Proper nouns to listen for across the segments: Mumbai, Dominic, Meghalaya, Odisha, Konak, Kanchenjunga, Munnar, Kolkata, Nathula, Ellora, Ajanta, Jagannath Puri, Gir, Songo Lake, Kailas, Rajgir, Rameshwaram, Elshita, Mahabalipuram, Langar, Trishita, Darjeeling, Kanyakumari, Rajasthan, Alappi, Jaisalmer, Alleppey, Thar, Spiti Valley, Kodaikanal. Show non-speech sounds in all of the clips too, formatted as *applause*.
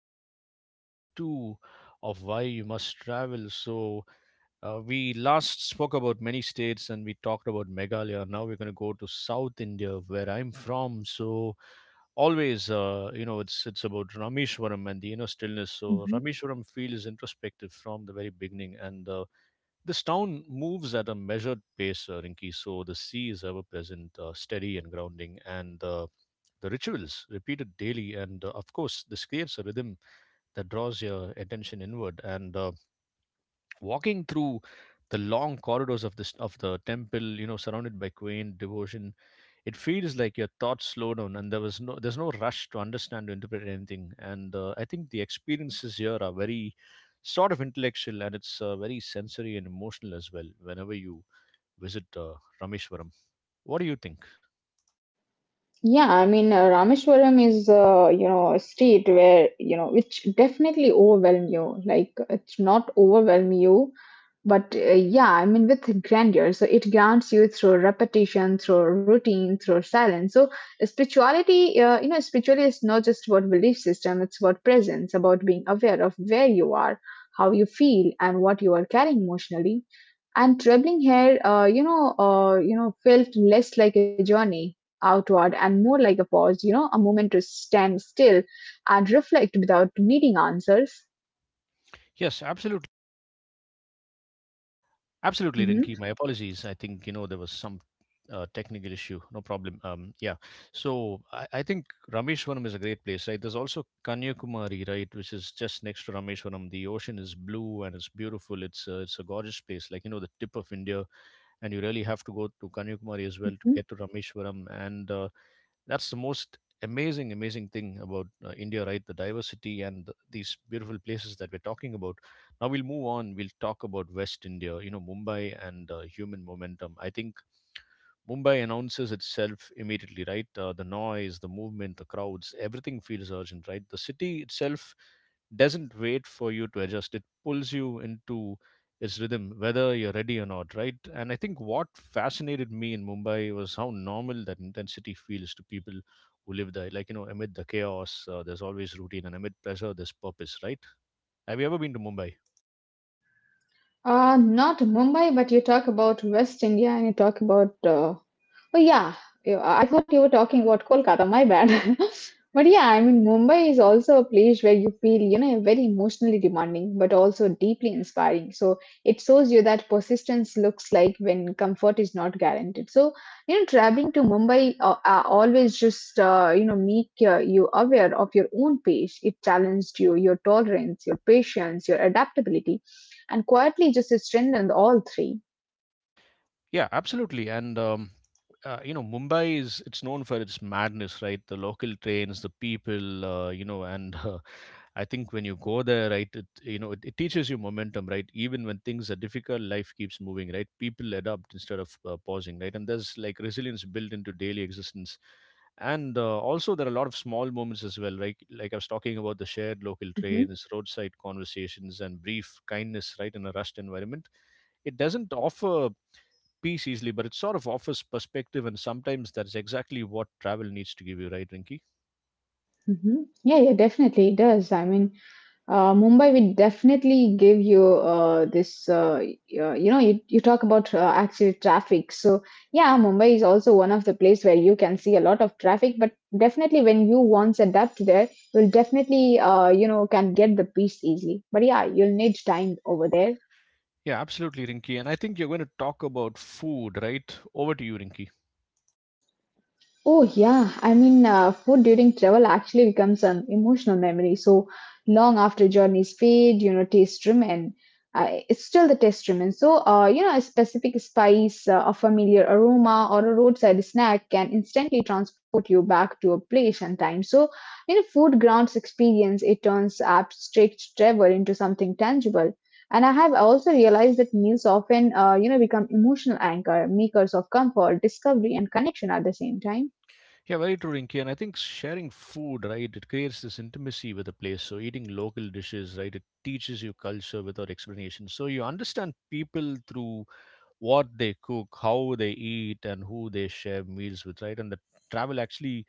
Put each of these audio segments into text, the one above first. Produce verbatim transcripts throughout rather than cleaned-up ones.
this is episode two of Why You Must Travel. So, uh, we last spoke about many states and we talked about Meghalaya. Now we're going to go to South India, where I'm from. So, always, uh, you know, it's it's about Rameshwaram and the inner stillness. So, Mhm. Rameshwaram feels introspective from the very beginning, and uh, this town moves at a measured pace, uh, Rinki, so the sea is ever present, uh, steady and grounding, and uh, the rituals repeated daily. And uh, Of course, this creates a rhythm that draws your attention inward. And uh, Walking through the long corridors of this of the temple, you know, surrounded by quaint devotion, it feels like your thoughts slow down, and there was no there's no rush to understand or interpret anything. And uh, I think the experiences here are very sort of intellectual and it's uh, very sensory and emotional as well whenever you visit uh, Rameshwaram. What do you think? Yeah, I mean, uh, Rameshwaram is, uh, you know, a state where, you know, which definitely overwhelm you. Like, it's not overwhelm you, but uh, yeah, I mean, with grandeur. So it grants you through repetition, through routine, through silence. So spirituality, uh, you know, spirituality is not just about belief system, it's about presence, about being aware of where you are, how you feel, and what you are carrying emotionally. And traveling here, uh, you know, uh, you know, felt less like a journey outward and more like a pause, you know, a moment to stand still and reflect without needing answers. Yes, absolutely. Absolutely, Rinki. My Mhm. apologies. I think, you know, there was some uh, technical issue. No problem. Um, yeah. So I, I think Rameshwaram is a great place, right? There's also Kanyakumari, right, which is just next to Rameshwaram. The ocean is blue and it's beautiful. It's uh, it's a gorgeous place, like you know, the tip of India. And you really have to go to Kanyakumari as well to get to Rameshwaram. And uh, That's the most amazing amazing thing about uh, India, right? The diversity and th- these beautiful places that we're talking about. Now we'll move on. We'll talk about West India, you know, Mumbai, and uh, human momentum. I think Mumbai announces itself immediately, right? Uh, the noise, the movement, the crowds, everything feels urgent, right? The city itself doesn't wait for you to adjust. It pulls you into its rhythm whether you're ready or not, right? And I think what fascinated me in Mumbai was how normal that intensity feels to people who live there. Like, you know, amid the chaos, uh, there's always routine, and amid pressure there's purpose, right? Have you ever been to Mumbai? Uh, not Mumbai, but you talk about West India and you talk about uh, Oh yeah, you- I I thought you were talking about Kolkata. My bad. *laughs* But yeah, I mean, Mumbai is also a place where you feel, you know, very emotionally demanding, but also deeply inspiring. So it shows you that persistence looks like when comfort is not guaranteed. So, you know, traveling to Mumbai uh, uh, always just, uh, you know, make uh, you aware of your own pace. It challenged you, your tolerance, your patience, your adaptability, and quietly just strengthened all three. Yeah, absolutely. And um, uh, You know, mumbai is it's known for its madness, right? The local trains, the people, uh, you know, and *laughs* uh, I think when you go there, right, it, you know, it, it teaches you momentum, right? Even when things are difficult, life keeps moving, right? People adapt instead of uh, pausing, right? And there's like resilience built into daily existence. And uh, Also, there are a lot of small moments as well, right? Like, I was talking about the shared local Hmm. trains, roadside conversations, and brief kindness, right, in a rushed environment. It doesn't offer peace easily, but it sort of offers perspective, and sometimes that's exactly what travel needs to give you, right, Rinky? Hmm. Yeah, yeah, definitely it does. I mean, Uh, Mumbai will definitely give you uh, this. Uh, y- uh, you know, you, you talk about uh, actual traffic. So yeah, Mumbai is also one of the place where you can see a lot of traffic. But definitely, when you once adapt there, you'll definitely uh, you know can get the peace easily. But yeah, you'll need time over there. Yeah, absolutely, Rinky. And I think you're going to talk about food, right? Over to you, Rinky. Oh, yeah. I mean, uh, food during travel actually becomes an emotional memory. So long after journeys fade, you know, taste remain. Uh, it's still the taste remains. So, uh, you know, a specific spice, uh, a familiar aroma, or a roadside snack can instantly transport you back to a place and time. So, you know, food grounds experience. It turns abstract travel into something tangible. And I have also realized that meals often, uh, you know, become emotional anchor, makers of comfort, discovery, and connection at the same time. Yeah, very true, Rinky. And I think sharing food, right, it creates this intimacy with a place. So eating local dishes, right, it teaches you culture without explanation. So you understand people through what they cook, how they eat, and who they share meals with, right? And the travel actually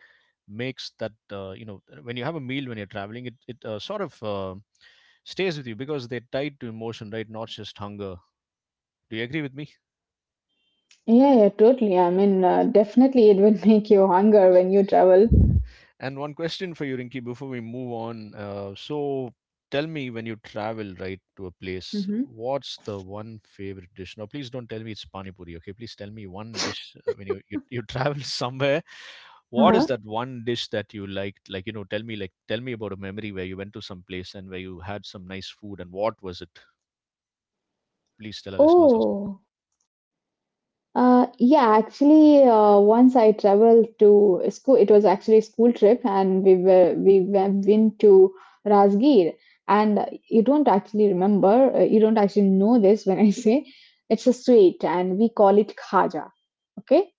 makes that, uh, you know, when you have a meal when you're traveling, it, it uh, sort of uh, stays with you because they're tied to emotion, right? Not just hunger. Do you agree with me? Yeah, yeah, totally. I mean, uh, definitely it will *laughs* make you hunger when you travel. *laughs* And one question for you, Rinki, before we move on. Uh, so tell me, when you travel, right, to a place, Hmm. what's the one favorite dish? Now, please don't tell me it's pani puri, okay? Please tell me one dish uh, when you, you you travel *laughs* somewhere. What is that Uh-huh. one dish that you liked? Like, you know, tell me, like, tell me about a memory where you went to some place and where you had some nice food, and what was it? Please tell our listeners also. Oh, uh, yeah, actually, uh, once I traveled to a school, it was actually a school trip, and we were we went been to Rajgir, and you don't actually remember, uh, you don't actually know this when I *laughs* say it's a sweet, and we call it khaja. Okay,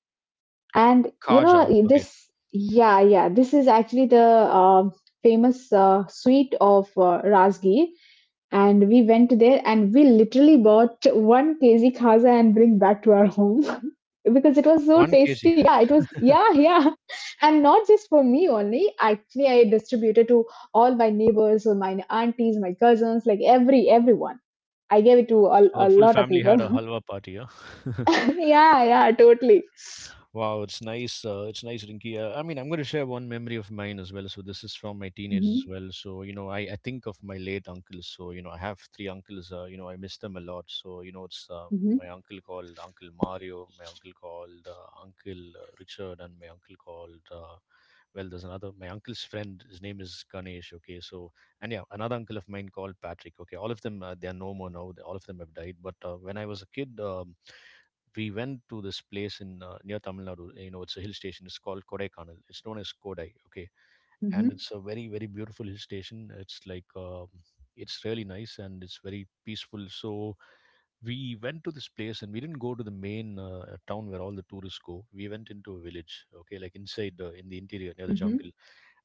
and you Kaja, know okay. this, yeah, yeah. This is actually the uh, famous uh, sweet of uh, Razgi, and we went there and we literally bought one kg khaza and bring back to our home *laughs* because it was so One kg. tasty. Yeah, it was. Yeah, yeah. *laughs* And not just for me only. Actually, I distributed to all my neighbors or my aunties, my cousins, like every everyone. I gave it to a, So the a full lot of family had people. a *laughs* halwa party, yeah? *laughs* Yeah, yeah, totally. Wow, it's nice. Uh, it's nice, Rinky. Uh, I mean, I'm going to share one memory of mine as well. So this is from my teenage as Mhm, well. So you know, I, I think of my late uncles. So you know, I have three uncles. Uh, you know, I miss them a lot. So you know, it's uh, mhm. my uncle called Uncle Mario, my uncle called uh, Uncle uh, Richard, and my uncle called. Uh, well, there's another my uncle's friend. His name is Ganesh. Okay, so, and yeah, another uncle of mine called Patrick. Okay, all of them uh, they are no more now. They, all of them have died. But uh, when I was a kid. Um, we went to this place in uh, near Tamil Nadu. You know, it's a hill station. It's called Kodaikanal. It's known as Kodai. Okay, and Mhm, it's a very very beautiful hill station. It's like um, it's really nice and it's very peaceful. So we went to this place and we didn't go to the main uh, town where all the tourists go. We went into a village, okay, like inside the in the interior near the mhm, jungle.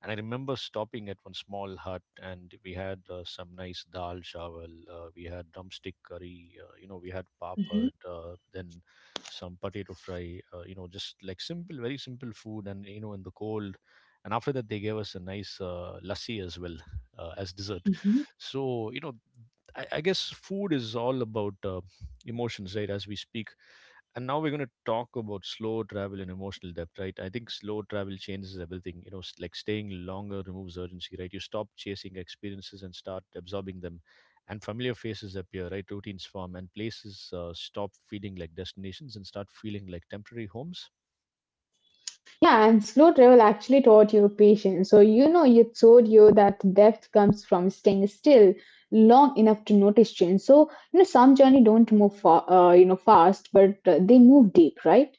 And I remember stopping at one small hut, and we had uh, some nice dal chawal, uh, we had drumstick curry, uh, you know, we had mhm, papad, uh, then some potato fry, uh, you know, just like simple, very simple food, and you know, in the cold. And after that they gave us a nice uh, lassi as well, uh, as dessert. mhm. So you know, I, I guess food is all about uh, emotions, right, as we speak. And now we're going to talk about slow travel and emotional depth, right? I think slow travel changes everything, you know. S- like, staying longer removes urgency, right? You stop chasing experiences and start absorbing them, and familiar faces appear, right? Routines form and places uh, stop feeling like destinations and start feeling like temporary homes. Yeah, and slow travel actually taught you patience. So, you know, it showed you that depth comes from staying still long enough to notice change. So, you know, some journey don't move, fa- uh, you know, fast, but uh, they move deep, right?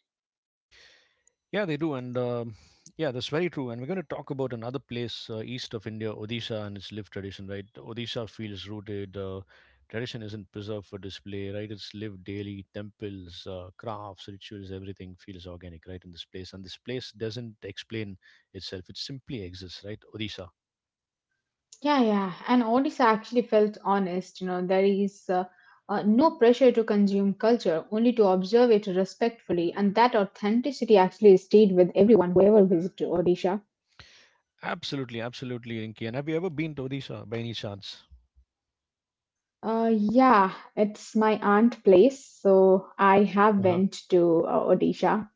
Yeah, they do, and um yeah, that's very true. And we're going to talk about another place, uh, east of India, Odisha, and its lived tradition. Right, Odisha feels rooted. Uh, tradition isn't preserved for display. Right, it's lived daily. Temples, uh, crafts, rituals, everything feels organic, right, in this place. And this place doesn't explain itself. It simply exists. Right, Odisha. Yeah, yeah. And Odyssey actually felt honest. You know, there is uh, Uh, no pressure to consume culture, only to observe it respectfully, and that authenticity actually stayed with everyone who ever visited Odisha. Absolutely, absolutely, Rinki. And have you ever been to Odisha by any chance? Uh, yeah, it's my aunt place, so I Uh have huh. went to uh, Odisha,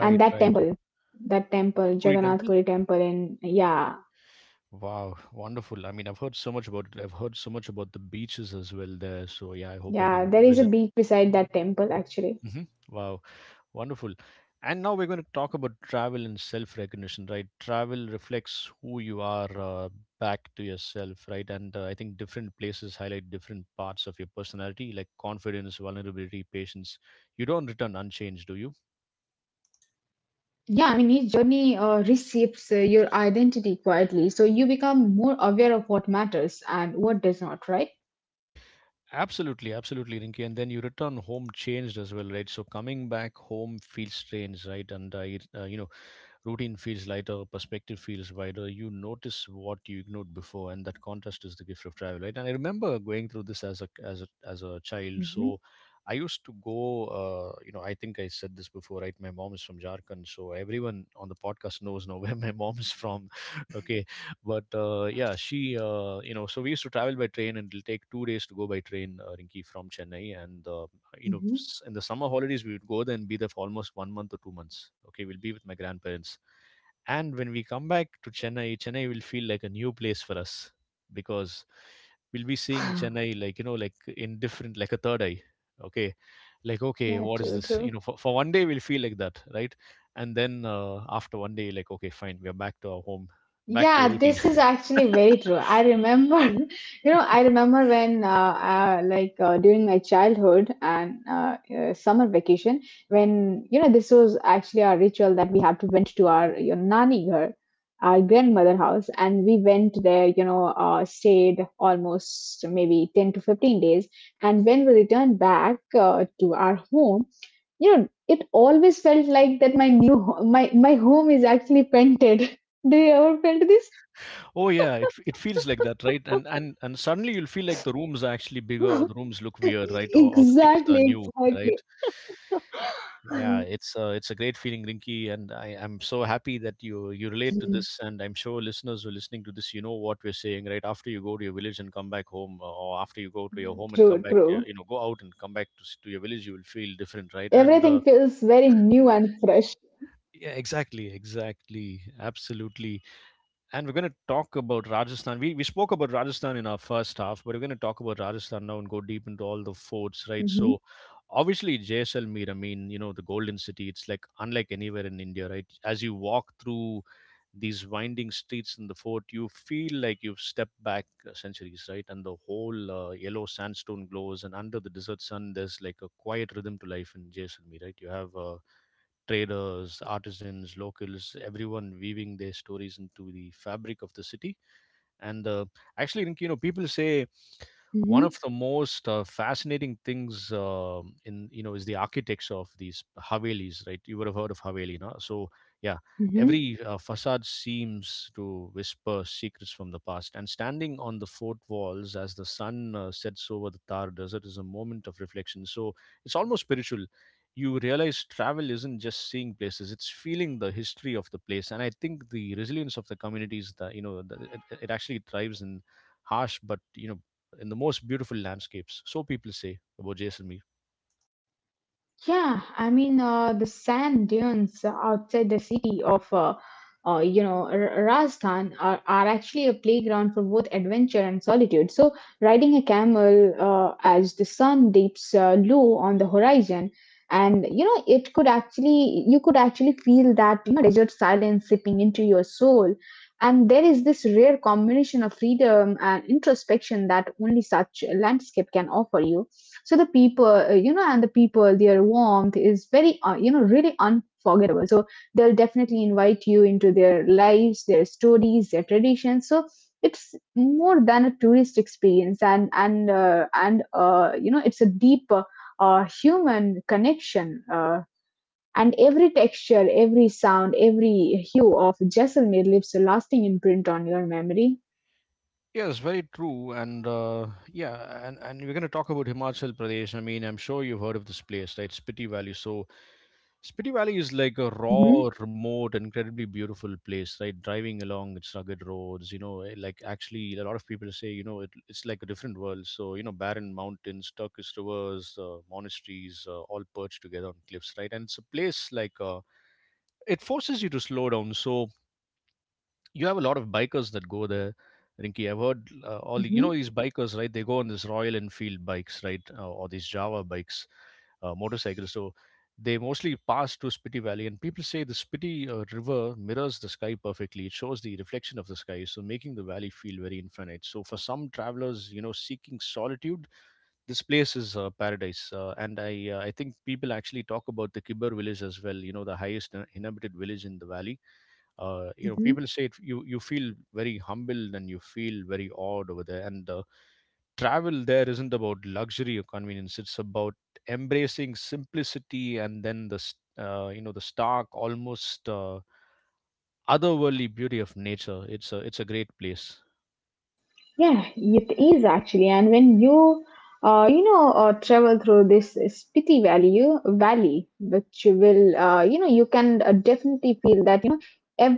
and that right. temple, that temple, Puri temple. Jagannath Puri temple, in yeah, Wow, wonderful. I mean, I've heard so much about it. I've heard so much about the beaches as well there. So, yeah, I hope I yeah, can there is a visit. beach beside that temple actually. Hmm. Wow, wonderful. And now we're going to talk about travel and self-recognition, right? Travel reflects who you are uh, back to yourself, right? And uh, I think different places highlight different parts of your personality, like confidence, vulnerability, patience. You don't return unchanged, do you? Yeah, I mean each journey uh, reshapes uh, your identity quietly, so you become more aware of what matters and what does not, right? Absolutely, absolutely, Rinki. And then you return home changed as well, right? So coming back home feels strange, right? And I, uh, you know, routine feels lighter, perspective feels wider. You notice what you ignored before, and that contrast is the gift of travel, right? And I remember going through this as a as a as a child. Hmm. So I used to go. Uh, you know, I think I said this before, right? My mom is from Jharkhand, so everyone on the podcast knows now *laughs* where my mom is from. *laughs* Okay, but uh, yeah, she. Uh, you know, so we used to travel by train, and it'll take two days to go by train, uh, Rinki, from Chennai, and uh, you know, Hmm. s- in the summer holidays we would go there and be there for almost one month or two months, okay, we'll be with my grandparents. And when we come back to Chennai, Chennai will feel like a new place for us, because we'll be seeing Chennai *laughs* like, you know, like in different, like a third eye. Okay, like, okay, Yeah, what is true, this, you true. know? For, for one day we'll feel like that, right? And then uh, after one day, like, okay, fine, we are back to our home, back to Yeah, routine. this is actually very true. I remember, *laughs* you know, *laughs* I remember when, uh, uh, like, uh, during my childhood and uh, uh, summer vacation, when, you know, this was actually our ritual that we had to went to our your nani ghar, our grandmother house, and we went there, you know, uh, stayed almost maybe ten to fifteen days. And when we returned back uh, to our home, you know, it always felt like that my new, ho- my, my home is actually painted. Do you ever felt this? Oh yeah, it f- it feels like that, right? And and and suddenly you'll feel like the rooms are actually bigger, or the *laughs* rooms look weird, right? Or, or the things are exactly, new, right? exactly. Yeah, it's a, it's a great feeling, Rinky, and I, I'm so happy that you you relate to this, and I'm sure listeners who are listening to this, you know what we're saying, right? After you go to your village and come back home, uh, or after you go to your home and come True, back to your, true. you know, go out and come back to s- to your village, you will feel different, right? And uh, Everything feels very new and fresh. yeah, exactly, exactly, absolutely. And we're going to talk about Rajasthan. We, we spoke about Rajasthan in our first half, but we're going to talk about Rajasthan now and go deep into all the forts, right? Mhm, So, obviously, Jaisalmer, I mean, you know, the Golden City, it's like unlike anywhere in India, right? As you walk through these winding streets in the fort, you feel like you've stepped back uh, centuries, right? And the whole uh, yellow sandstone glows, and under the desert sun, there's like a quiet rhythm to life in Jaisalmer, right? You have uh, traders, artisans, locals, everyone weaving their stories into the fabric of the city. And uh, actually, I think, you know, people say one mhm, of the most uh, fascinating things um in you know is the architecture of these havelis, right? You would have heard of haveli, no? So yeah, mhm. every uh, facade seems to whisper secrets from the past. And standing on the fort walls as the sun uh, sets over the Thar desert is a moment of reflection. So it's almost spiritual. You realize travel isn't just seeing places, it's feeling the history of the place. And I think the resilience of the communities that, you know the, it, it actually thrives in harsh but you know in the most beautiful landscapes. So people say about Jaisalmer. Yeah, I mean uh, the sand dunes outside the city of uh, uh, you know R- Rajasthan are, are actually a playground for both adventure and solitude. So riding a camel uh, as the sun dips uh, low on the horizon, and you know it could actually you could actually feel that you know, desert silence seeping into your soul, and there is this rare combination of freedom and introspection that only such a landscape can offer you. So the people, uh, you know, and the people, their warmth is very, uh, you know, really unforgettable. So they'll definitely invite you into their lives, their stories, their traditions. So it's more than a tourist experience, and and uh, and uh, you know, it's a deeper uh, human connection. Uh, and every texture, every sound, every hue of Jaisalmer leaves a lasting imprint on your memory. Yes, very true, and uh, yeah, and, and we're going to talk about Himachal Pradesh. I mean, I'm sure you've heard of this place, right? Spiti Valley. So, Spiti Valley is like a raw, Mm-hmm. remote, incredibly beautiful place, right? Driving along its rugged roads, you know, eh, like actually, a lot of people say, you know, it, it's like a different world. So, you know, barren mountains, turquoise rivers, uh, monasteries, uh, all perched together on cliffs, right? And it's a place like uh, it forces you to slow down. So, you have a lot of bikers that go there. Rinky, I've heard uh, all the, you know Mm-hmm. these bikers, right? They go on this Royal Enfield bikes, right, uh, or these Java bikes, uh, motorcycles. So they mostly pass through Spiti Valley, and people say the Spiti uh, River mirrors the sky perfectly. It shows the reflection of the sky, so making the valley feel very infinite. So for some travelers, you know, seeking solitude, this place is uh, paradise. Uh, and I, uh, I think people actually talk about the Kibber village as well. You know, the highest uh, inhabited village in the valley. uh, you know Mm-hmm. people say it. You you feel very humbled, and you feel very awed over there. And the travel there isn't about luxury or convenience, it's about embracing simplicity, and then the s- uh, you know the stark, almost uh, otherworldly beauty of nature. It's a it's a great place. Yeah, it is actually. And when you uh, you know, uh, travel through this Spiti Valley, valley, which will, uh, you know, you can uh, definitely feel that, you know,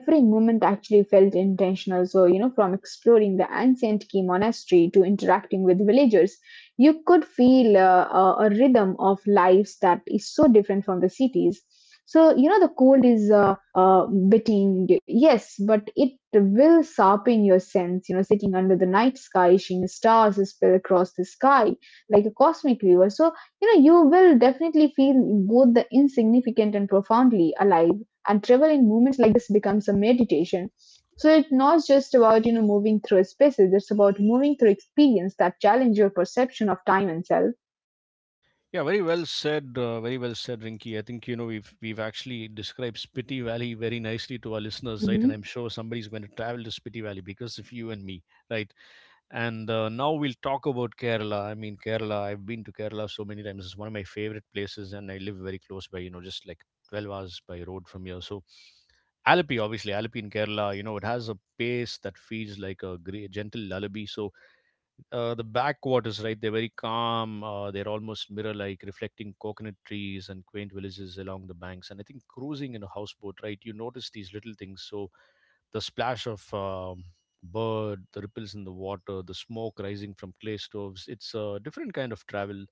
every moment actually felt intentional. So, you know, from exploring the ancient key monastery to interacting with villagers, you could feel uh, a, a rhythm of lives that is so different from the cities. So, you know, the cold is uh, uh, biting, yes, but it will sharpen your sense. You know, sitting under the night sky, seeing the stars spill across the sky like a cosmic river. So, you know, you will definitely feel both the insignificant and profoundly alive. And travel in moments like this becomes a meditation. So it's not just about, you know, moving through spaces, it's about moving through experience that challenge your perception of time and self. Yeah, very well said, uh, very well said, Rinky. I think you know we've we've actually described Spiti Valley very nicely to our listeners, right? And I'm Hmm. sure somebody's going to travel to Spiti Valley because of you and me, right? And uh, now we'll talk about Kerala. I mean, Kerala, I've been to Kerala so many times. It's one of my favorite places, and I live very close by, you know, just like twelve hours by road from here. So, Alappi, obviously, Alappi in Kerala, you know, it has a pace that feels like a great, gentle lullaby. So, uh, the backwaters, right? They're very calm. Uh, they're almost mirror-like, reflecting coconut trees and quaint villages along the banks. And I think cruising in a houseboat, right? You notice these little things. So the splash of um, bird, the ripples in the water, the smoke rising from clay stoves. It's a different kind of travel.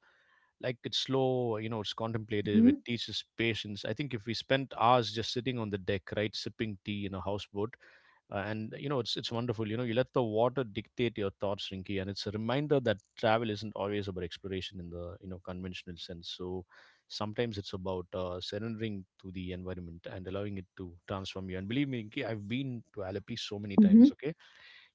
Like it's slow, you know, it's contemplative. It Hmm. teaches patience. I think if we spent hours just sitting on the deck, right, sipping tea in a houseboat, uh, and you know it's it's wonderful. You know you let the water dictate your thoughts, Rinky, and it's a reminder that travel isn't always about exploration in the you know conventional sense. So sometimes it's about uh, surrendering to the environment and allowing it to transform you. And believe me, Rinky, I've been to Alleppey so many times. Hmm. Okay,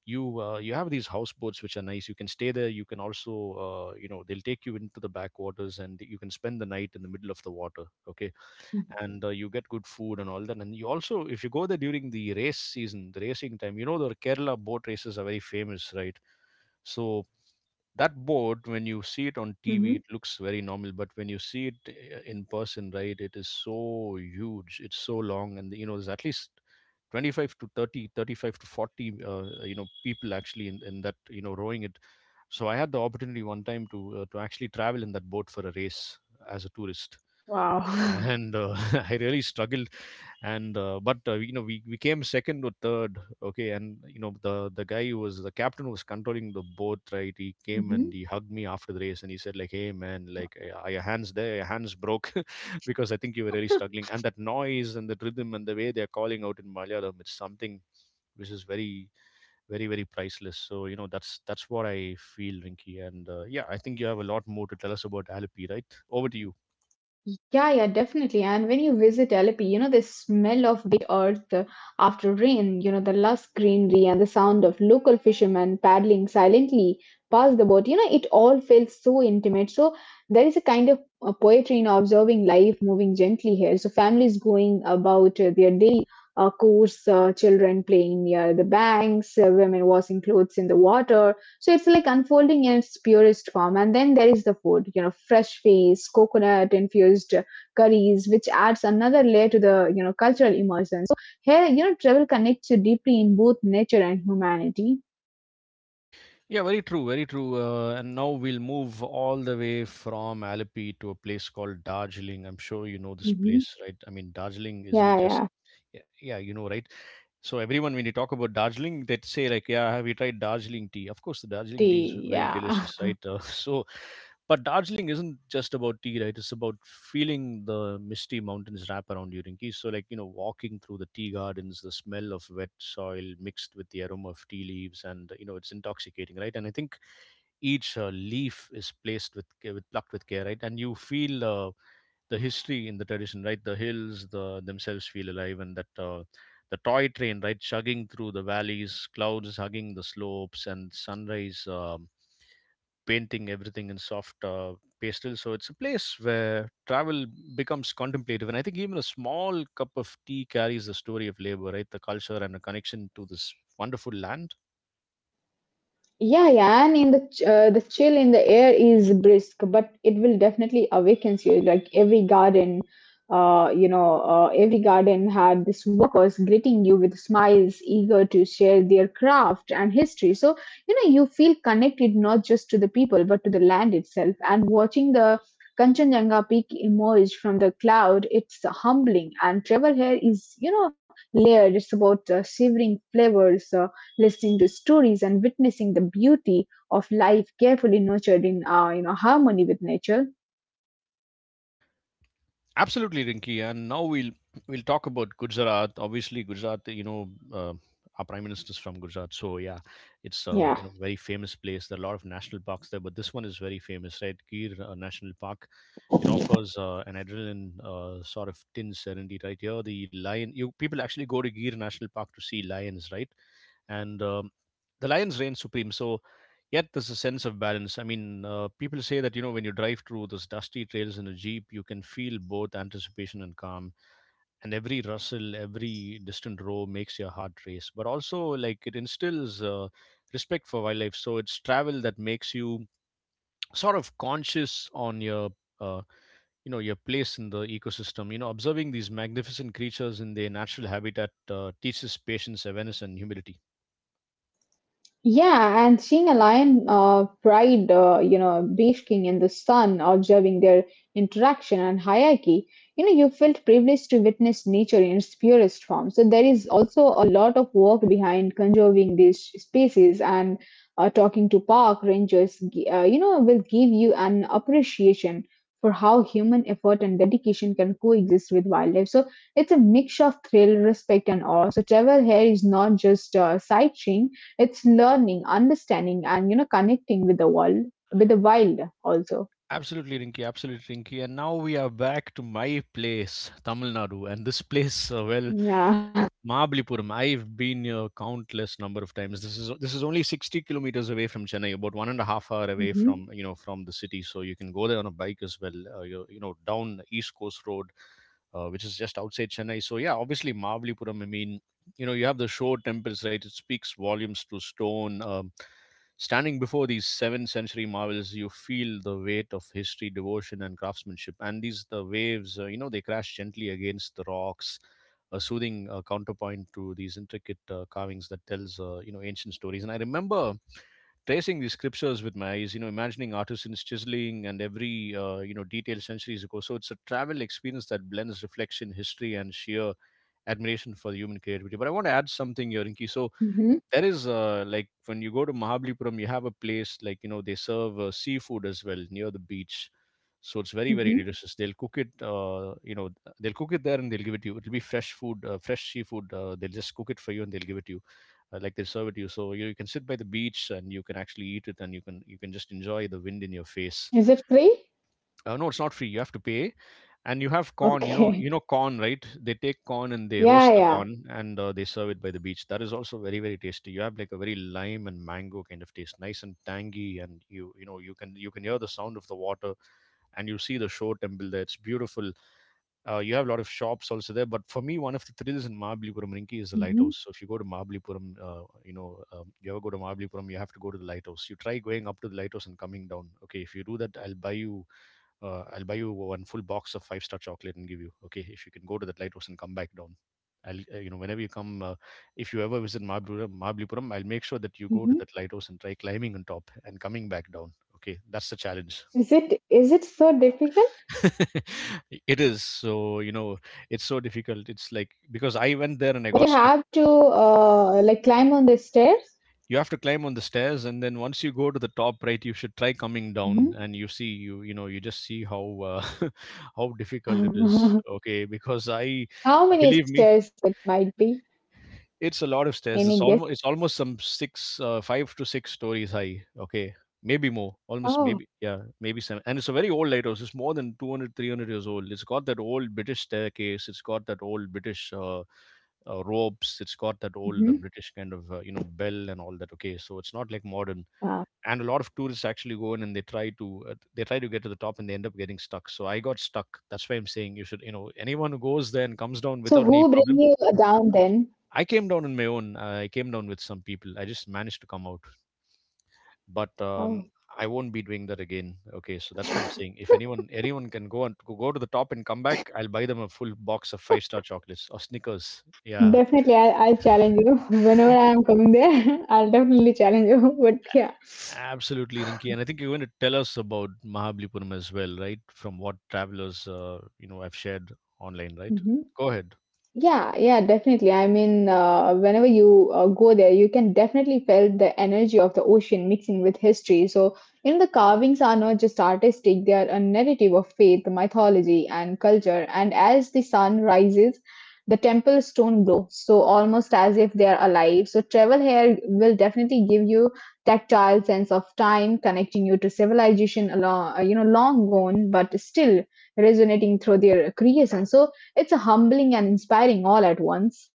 you uh, you have these houseboats which are nice. You can stay there, you can also, uh, you know they'll take you into the backwaters and you can spend the night in the middle of the water. Okay, and uh, you get good food and all that. And you also, if you go there during the race season, the racing time, you know the Kerala boat races are very famous, right? So that boat, when you see it on T V, Hmm. it looks very normal, but when you see it uh, in person, right, it is so huge, it's so long, and you know there's at least twenty-five to thirty, thirty-five to forty uh, you know people actually in, in that, you know rowing it. So I had the opportunity one time to uh, to actually travel in that boat for a race as a tourist. Wow. And uh, *laughs* I really struggled, and uh, but uh, you know we, we came second or third. Okay, and you know the the guy who was the captain, who was controlling the boat, right, he came and he *laughs* hugged me after the race, and he said like, "Hey man, like uh, are your hands there, your hands broke?" *laughs* Because I think you were really struggling. And that noise and the rhythm and the way they're calling out in Malayalam, it's something which is very, very, very priceless. So you know that's that's what I feel, Rinky. And uh, yeah, I think you have a lot more to tell us about Alipi, right? Over to you. Yeah, yeah, definitely. And when you visit Alleppey, you know, the smell of wet earth uh, after rain, you know, the lush greenery and the sound of local fishermen paddling silently past the boat, you know, it all feels so intimate. So there is a kind of uh, poetry in observing life moving gently here. So families going about uh, their day, uh, coarse, uh, children playing near the banks, uh, women washing clothes in the water. So it's like unfolding in its purest form. And then there is the food, you know, fresh fish, coconut infused curries, which adds another layer to the, you know, cultural immersion. Here, you know, travel connects you deeply in both nature and humanity. Yeah, very true, very true. Uh, and now we'll move all the way from Alippi to a place called Darjeeling. I'm sure you know this Hmm. place, right? I mean, Darjeeling isn't Yeah, just, yeah. yeah, yeah, you know, right? So everyone, when you talk about Darjeeling, they say like, "Yeah, have you tried Darjeeling tea?" Of course, the Darjeeling tea is Tea, very yeah. delicious, *laughs* right? Uh, *laughs* so, but Darjeeling isn't just about tea, right? It's about feeling the misty mountains wrap around you, Rinki. So, like you know, walking through the tea gardens, the smell of wet soil mixed with the aroma of tea leaves, and you know, it's intoxicating, right? And I think each uh, leaf is placed with ca- with plucked with care, right? And you feel uh, the history in the tradition, right? The hills the themselves feel alive, and that uh, the toy train, right, chugging through the valleys, clouds hugging the slopes, and sunrise um, painting everything in soft uh, pastel. So it's a place where travel becomes contemplative, and I think even a small cup of tea carries the story of labor, right? The culture and a connection to this wonderful land. Yeah, yeah, and in the ch- uh, the chill in the air is brisk, but it will definitely awakens you. Like every garden, uh, you know, uh, every garden had this workers greeting you with smiles, eager to share their craft and history. So you know, you feel connected not just to the people but to the land itself. And watching the Kanchenjunga peak emerge from the cloud, it's humbling. And travel here is, you know, layered. It's about uh, shivering flavors, uh, listening to stories and witnessing the beauty of life carefully nurtured in uh, you know harmony with nature. Absolutely, Rinky. And now we'll we'll talk about Gujarat. Obviously, Gujarat. You know, uh, our prime minister's from Gujarat, so yeah, it's a Yeah. you know very famous place. There are a lot of national parks there, but this one is very famous, right? Gir uh, National Park. It offers uh, an adrenaline uh, sort of tin serenity, right? Here, the lion. You people actually go to Gir National Park to see lions, right? and um, the lions reign supreme. So, yet there's a sense of balance. I mean, uh, people say that you know when you drive through those dusty trails in a jeep, you can feel both anticipation and calm, and every rustle, every distant roar makes your heart race. But also, like it instills uh, respect for wildlife. So it's travel that makes you sort of conscious on your uh, you know your place in the ecosystem. You know observing these magnificent creatures in their natural habitat uh, teaches patience, awareness, and humility. Yeah, and seeing a lion uh, pride, uh, you know, basking in the sun, observing their interaction and hierarchy, you know, you felt privileged to witness nature in its purest form. So there is also a lot of work behind conserving these species, and uh, talking to park rangers, gi- uh, you know, will give you an appreciation for how human effort and dedication can coexist with wildlife. So it's a mix of thrill, respect, and awe. So travel here is not just uh, sightseeing, it's learning, understanding, and you know, connecting with the world, with the wild also. Absolutely, Rinky. Absolutely, Rinky. And now we are back to my place, Tamil Nadu. And this place, uh, well, Yeah. Mahabalipuram. I've been here countless number of times. This is this is only sixty kilometers away from Chennai, about one and a half hour away Hmm. from you know from the city. So you can go there on a bike as well. Uh, you you know down East Coast Road, uh, which is just outside Chennai. So yeah, obviously Mavalipuram. I mean, you know, you have the shore temples, right? It speaks volumes to stone. Um, standing before these seventh century marvels, you feel the weight of history, devotion, and craftsmanship. And these the waves, uh, you know, they crash gently against the rocks. A soothing uh, counterpoint to these intricate uh, carvings that tells uh, you know ancient stories. And I remember tracing these scriptures with my eyes, you know, imagining artisans chiseling and every, uh, you know, detail centuries ago. So it's a travel experience that blends reflection, history, and sheer admiration for the human creativity. But I want to add something here, Rinki. So Hmm. there is uh, like when you go to Mahabalipuram, you have a place like you know they serve uh, seafood as well near the beach, so it's very very Hmm. delicious. They'll cook it, uh, you know, they'll cook it there and they'll give it to you. It'll be fresh food, uh, fresh seafood. Uh, they'll just cook it for you and they'll give it to you, uh, like they'll serve it to you. So you, you can sit by the beach and you can actually eat it and you can you can just enjoy the wind in your face. Is it free? Uh, no, it's not free. You have to pay, and you have corn. you know Okay. You know corn, right? They take corn and they Yeah, roast the yeah. corn, and uh, they serve it by the beach. That is also very very tasty. You have like a very lime and mango kind of taste, nice and tangy. And you you know, you can you can hear the sound of the water, and you see the shore temple there. It's beautiful. Uh, you have a lot of shops also there, but for me, one of the thrills in Mahabalipuram, Rinki, is the lighthouse. Hmm. So if you go to Mahabalipuram, uh, you know, um, you ever go to Mahabalipuram, you have to go to the lighthouse. You try going up to the lighthouse and coming down. Okay, if you do that, I'll buy you, uh, I'll buy you one full box of five star chocolate and give you. Okay, if you can go to that lighthouse and come back down. I'll, uh, you know, whenever you come, uh, if you ever visit Mahabalipuram, Mahabalipuram, I'll make sure that you go to Hmm. that lighthouse and try climbing on top and coming back down. Okay, that's the challenge. Is it is it so difficult? *laughs* it is so you know It's so difficult. It's like because I went there and I got You stuck. have to uh, like climb on the stairs. You have to climb on the stairs, and then once you go to the top, right, you should try coming Mhm. down, and you see you you know you just see how uh, *laughs* how difficult it is. Okay, because I, *laughs* How many believe me, stairs it might be? it's a lot of stairs. It's Any guess? almost it's almost some six, uh, five to six stories high. Okay, maybe more. Almost Oh. maybe, yeah, maybe seven. And it's a very old lighthouse. It's more than two hundred three hundred years old. It's got that old British staircase. It's got that old British, uh, uh, ropes. It's got that old uh, Hmm. British kind of uh, you know bell and all that. Okay, so it's not like modern. Wow. And a lot of tourists actually go in, and they try to uh, they try to get to the top, and they end up getting stuck. So I got stuck. That's why I'm saying, you should, you know, anyone who goes there and comes down So without any who bring problem. you down then? I came down on my own. I came down with some people. I just managed to come out, but Oh. um, I won't be doing that again. Okay, so that's why *laughs* I'm saying, if anyone anyone can go and go to the top and come back, I'll buy them a full box of five star chocolates or Snickers. Yeah, Definitely, I, I'll challenge you. *laughs* Whenever I'm coming there, *laughs* I'll definitely challenge you. *laughs* But yeah. absolutely, Rinki. And I think you're going to tell us about Mahabalipuram as well, right? From what travelers uh, you know have shared online, right? Hmm. Go ahead. Yeah, yeah, definitely. I mean, uh, whenever you uh, go there, you can definitely feel the energy of the ocean mixing with history. So, you know, the carvings are not just artistic, they are a narrative of faith, mythology, and culture. And as the sun rises, the temple stone glow, so almost as if they're alive. So travel here will definitely give you tactile sense of time, connecting you to civilization along, uh, you know, long gone, but still resonating through their creation. So it's a humbling and inspiring all at once.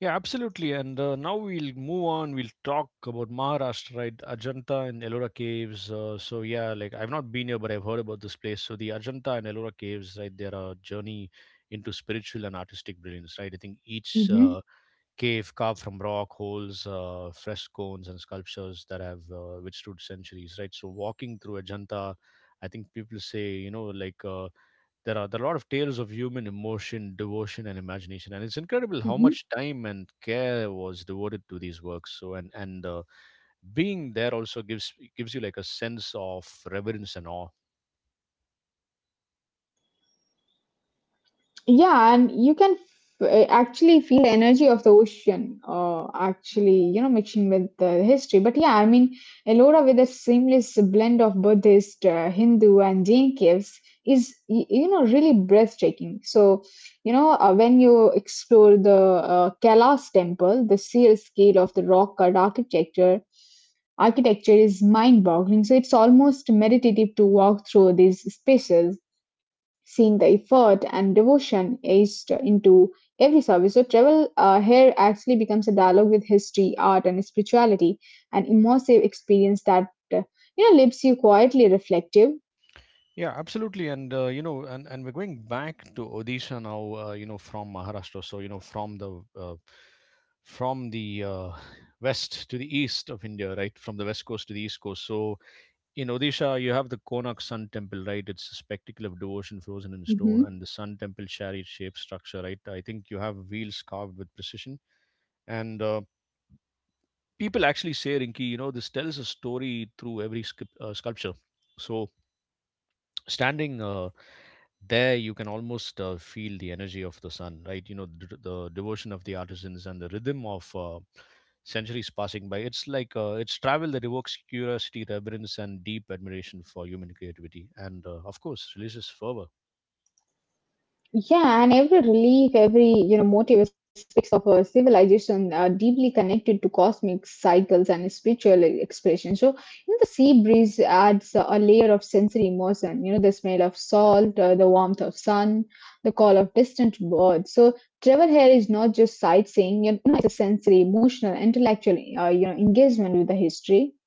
Yeah, absolutely. And uh, now we'll move on. We'll talk about Maharashtra, right? Ajanta and Ellora caves. Uh, so yeah, like I've not been here, but I've heard about this place. So the Ajanta and Ellora caves, right? They're a journey into spiritual and artistic brilliance, right? I think each Mm-hmm. uh, cave carved from rock holes, uh, frescoes, and sculptures that have uh, withstood centuries, right? So walking through Ajanta, I think people say, you know, like. Uh, there are, there are a lot of tales of human emotion, devotion, and imagination, and it's Mm-hmm. incredible how much time and care was devoted to these works. So, and and uh, being there also gives gives you like a sense of reverence and awe. Yeah, and you can f- eh, actually feel the energy of the ocean, uh, actually, you know, mixing with the history. But yeah, I mean, Ellora with a seamless blend of Buddhist, uh, Hindu, and Jain caves is, y- you know, really breathtaking. So, you know, uh, when you explore the uh, Kailas temple, the sheer scale of the rock cut architecture, architecture is mind-boggling. So it's almost meditative to walk through these spaces seeing the effort and devotion aced into every service. So travel uh, here actually becomes a dialogue with history, art, and spirituality, an immersive experience that uh, you know leaves you quietly reflective. Yeah, absolutely, and uh, you know, and, and we're going back to Odisha now. Uh, you know, from Maharashtra, so you know, from the uh, from the uh, west to the east of India, right? From the west coast to the east coast. So in Odisha, you have the Konak Sun Temple, right? It's a spectacle of devotion frozen in stone, Mhm. and the Sun Temple chariot shaped structure, right? I think you have wheels carved with precision. And uh, people actually say, Rinki, you know, this tells a story through every scu- uh, sculpture. So, standing uh, there, you can almost uh, feel the energy of the sun, right? You know, the, the devotion of the artisans and the rhythm of uh, centuries passing by. It's like uh, it's travel that evokes curiosity, reverence, and deep admiration for human creativity and, uh, of course, religious fervor. Yeah, and every relief, every you know motive speaks of a civilization uh, deeply connected to cosmic cycles and spiritual e-, expression. So, you know, the sea breeze adds a layer of sensory emotion. You know, the smell of salt, uh, the warmth of sun, the call of distant birds. So, travel here is not just sightseeing. You know, it's a sensory, emotional, intellectual, uh, you know, engagement with the history.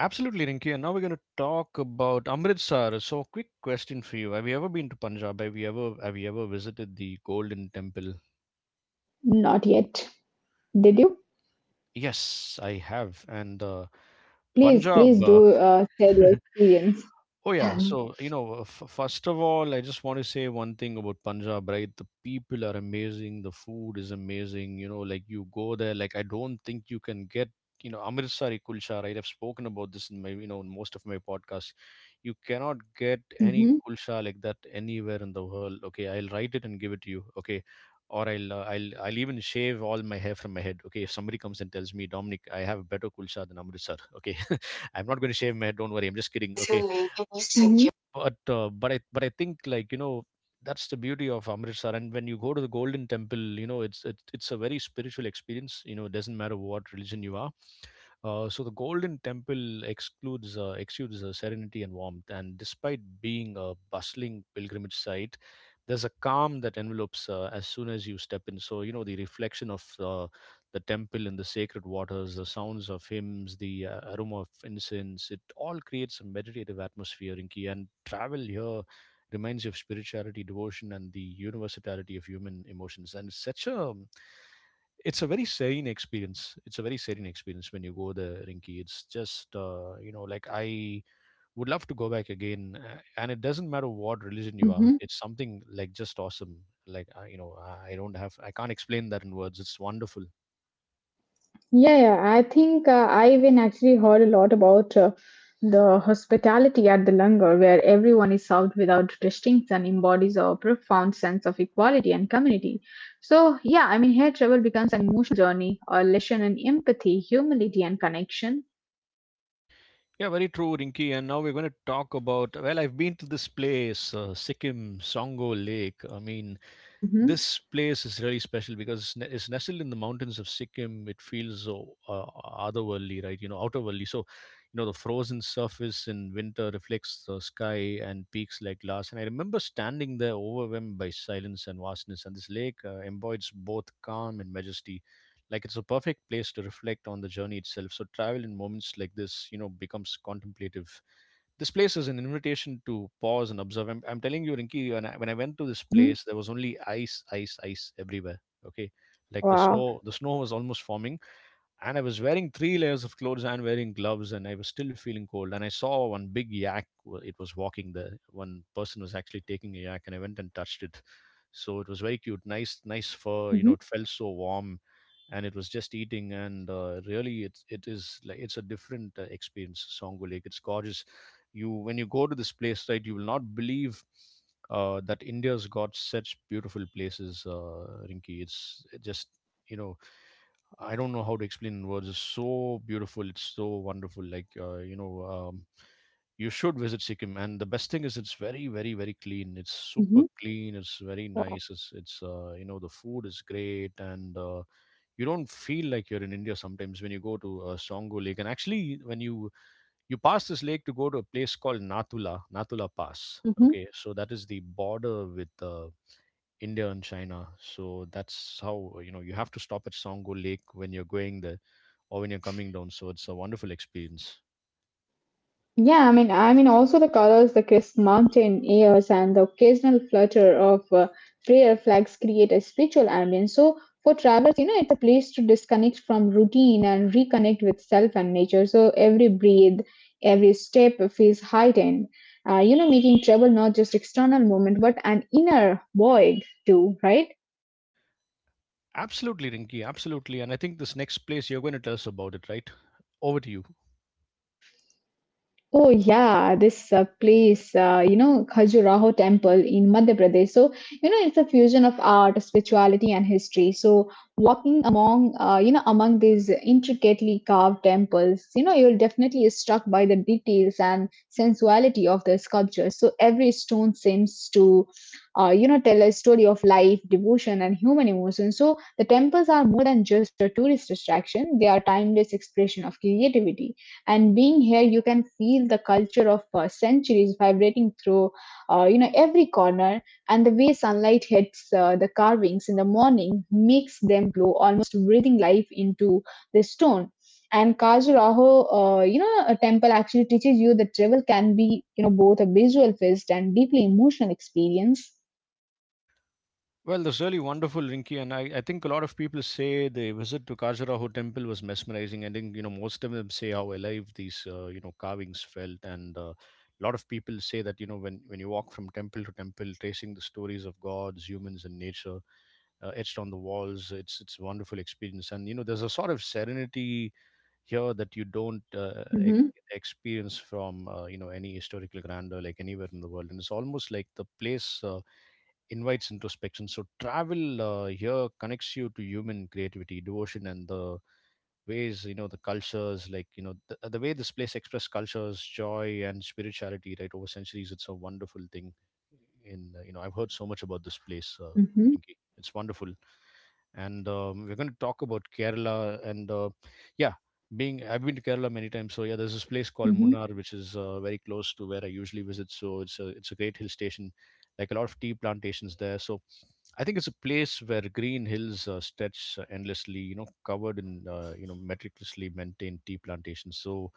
Absolutely, Rinki. And now we're going to talk about Amritsar. So, quick question for you: have you ever been to Punjab? Have you ever, have you ever visited the Golden Temple? Not yet. Did you? Yes, I have. And uh, Please, Punjab, please uh, do uh, share your *laughs* experience. oh yeah, *laughs* so you know, uh, f- first of all, I just want to say one thing about Punjab, right? The people are amazing, the food is amazing. You know, like, you go there, like, I don't think you can get, you know, Amritsari kulcha, right? I've spoken about this in my, you know, in most of my podcasts. You cannot get any Mhm. kulcha like that anywhere in the world. Okay, I'll write it and give it to you. Okay, or I'll, uh, I'll, I'll even shave all my hair from my head. Okay, if somebody comes and tells me, Dominic, I have a better kulcha than Amritsar. Okay, *laughs* I'm not going to shave my head. Don't worry. I'm just kidding. Okay, Mm-hmm. Secure. but uh, but I but I think, like, you know, that's the beauty of Amritsar. And when you go to the Golden Temple, you know, it's it's it's a very spiritual experience. You know, it doesn't matter what religion you are. Uh, so the Golden Temple excludes uh, exudes uh, serenity and warmth, and despite being a bustling pilgrimage site, there's a calm that envelopes uh, as soon as you step in. So, you know, the reflection of uh, the temple in the sacred waters, the sounds of hymns, the uh, aroma of incense, it all creates a meditative atmosphere, Inky, and travel here reminds you of spirituality, devotion, and the universality of human emotions. And it's such a, it's a very serene experience. It's a very serene experience when you go there, Rinky, it's just uh, you know, like, I would love to go back again, uh, and it doesn't matter what religion you are, Mm-hmm. it's something like just awesome. Like I, you know i I don't have, I can't explain that in words. It's wonderful. Yeah, yeah. I think uh, I even actually heard a lot about uh, the hospitality at the Langar, where everyone is served without distinctions and embodies a profound sense of equality and community. So, yeah, I mean, here travel becomes an emotional journey, a lesson in empathy, humility, and connection. Yeah, very true, Rinky. And now we're going to talk about, well, I've been to this place, uh, Sikkim, Songo Lake, I mean, Mm-hmm. this place is really special because it's ne- it's nestled in the mountains of Sikkim. It feels so uh, otherworldly, right? You know, outerworldly. So, you know, the frozen surface in winter reflects the sky and peaks like glass. And I remember standing there, overwhelmed by silence and vastness. And this lake uh, embodies both calm and majesty. Like, it's a perfect place to reflect on the journey itself. So, travel in moments like this, you know, becomes contemplative. This place is an invitation to pause and observe. I'm, I'm telling you, Rinki, when I, when I went to this Mm-hmm. place, there was only ice, ice, ice everywhere. Okay, like the Wow. snow, the snow was almost forming, and I was wearing three layers of clothes and wearing gloves, and I was still feeling cold. And I saw one big yak. wa- It was walking there. One person was actually taking a yak, and I went and touched it. So it was very cute, nice, Mm-hmm. nice fur. You know, it felt so warm, and it was just eating. And uh, really, it it is like it's a different uh, experience. Songo Lake, it's gorgeous. You When you go to this place, right, you will not believe uh, that India's got such beautiful places, uh, Rinki. It's it just, you know I don't know how to explain in words. It's so beautiful, it's so wonderful, like uh, you know um, you should visit Sikkim. And the best thing is it's very very very clean, it's super Mm-hmm. clean, it's very Wow. nice. It's it's uh, you know The food is great. And uh, You don't feel like you're in India sometimes when you go to uh, Songo Lake. And actually, when you you pass this lake to go to a place called Nathula, Nathula Pass. Okay, so that is the border with uh, India and China. So that's how, you know, you have to stop at Songo Lake when you're going there or when you're coming down. So it's a wonderful experience. Yeah, I mean, I mean, also the colors, the crisp mountain airs, and the occasional flutter of uh, prayer flags create a spiritual ambience. So for travelers, you know, it's a place to disconnect from routine and reconnect with self and nature. So every breath, every step feels heightened. Uh, you know, making travel not just external moment, but an inner void too, right? Absolutely, Rinky, absolutely. And I think this next place you're going to tell us about it, right? Over to you. Oh yeah, this uh, place, uh, you know, Khajuraho Temple in Madhya Pradesh. So, you know, it's a fusion of art, spirituality, and history. So, walking among, uh, you know, among these intricately carved temples, you know, you're definitely struck by the details and sensuality of the sculptures. So, every stone seems to, uh, you know, tell a story of life, devotion, and human emotion. So, the temples are more than just a tourist attraction; they are timeless expression of creativity, and being here you can feel the culture of uh, centuries vibrating through uh, you know every corner. And the way sunlight hits uh, the carvings in the morning makes them glow, almost breathing life into the stone. And Khajuraho, uh, you know, a temple actually teaches you that travel can be, you know, both a visual feast and deeply emotional experience. Well, that's really wonderful, Rinki, and I, I think a lot of people say the visit to Khajuraho temple was mesmerizing. I think, you know, most of them say how alive these, uh, you know carvings felt. And uh, A lot of people say that, you know, when when you walk from temple to temple, tracing the stories of gods, humans, and nature uh, etched on the walls, it's it's a wonderful experience. And you know, there's a sort of serenity here that you don't uh, e- Hmm. experience from, uh, you know any historical grandeur like anywhere in the world. And it's almost like the place Uh, invites introspection. So travel uh, here connects you to human creativity, devotion, and the ways, you know, the cultures, like you know the, uh, the way this place expressed culture's joy and spirituality, right, over centuries. It's a wonderful thing. In uh, You know, I've heard so much about this place, uh, Hmm. Pinky. It's wonderful. And um, We're going to talk about Kerala. And uh, yeah being I've been to Kerala many times, so yeah, there's this place called Hmm. Munnar, which is uh, very close to where I usually visit. So it's a it's a great hill station, like a lot of tea plantations there. So I think it's a place where green hills uh, stretch uh, endlessly, you know, covered in, uh, you know, meticulously maintained tea plantations. So,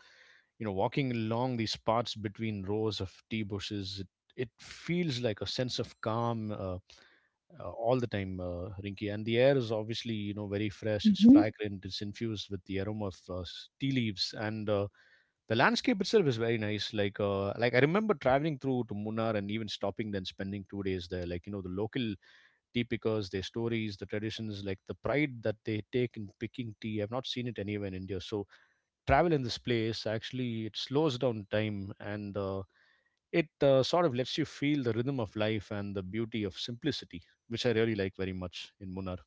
you know, walking along these paths between rows of tea bushes, it, it feels like a sense of calm uh, uh, all the time, uh, Rinky. And the air is obviously, you know, very fresh. It's fragrant. It's infused with the aroma of uh, s- tea leaves, and uh, the landscape itself is very nice. Like, uh, like I remember traveling through to Munnar and even stopping, then spending two days there. Like, you know, the local tea pickers, their stories, the traditions, like the pride that they take in picking tea. I've not seen it anywhere in India. So travel in this place, actually, it slows down time, and uh, it uh, sort of lets you feel the rhythm of life and the beauty of simplicity, which I really like very much in Munnar.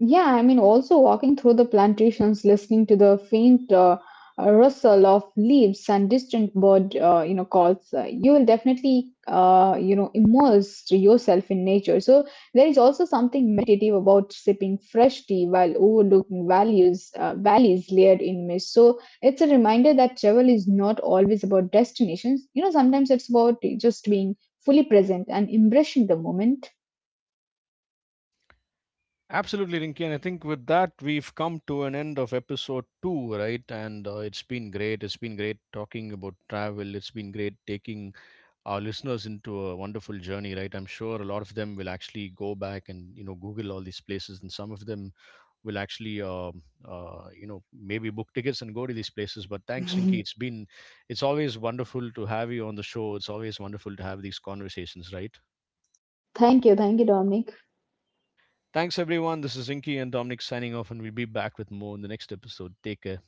Yeah, I mean, also walking through the plantations, listening to the faint uh, uh, rustle of leaves and distant bird, uh, you know, calls, uh, you will definitely, uh, you know, immerse yourself in nature. So there is also something meditative about sipping fresh tea while overlooking values, uh, valleys layered in mist. So it's a reminder that travel is not always about destinations. You know, sometimes it's about just being fully present and embracing the moment. Absolutely, Rinki, and I think with that we've come to an end of episode two, right? And uh, It's been great. It's been great talking about travel. It's been great taking our listeners into a wonderful journey, right? I'm sure a lot of them will actually go back and, you know, Google all these places, and some of them will actually um uh, you know, maybe book tickets and go to these places. But thanks, Rinky. It's been it's always wonderful to have you on the show. It's always wonderful to have these conversations, right? Thank you, thank you, Dominic. Thanks, everyone. This is Rinky and Dominic signing off, and we'll be back with more in the next episode. Take care.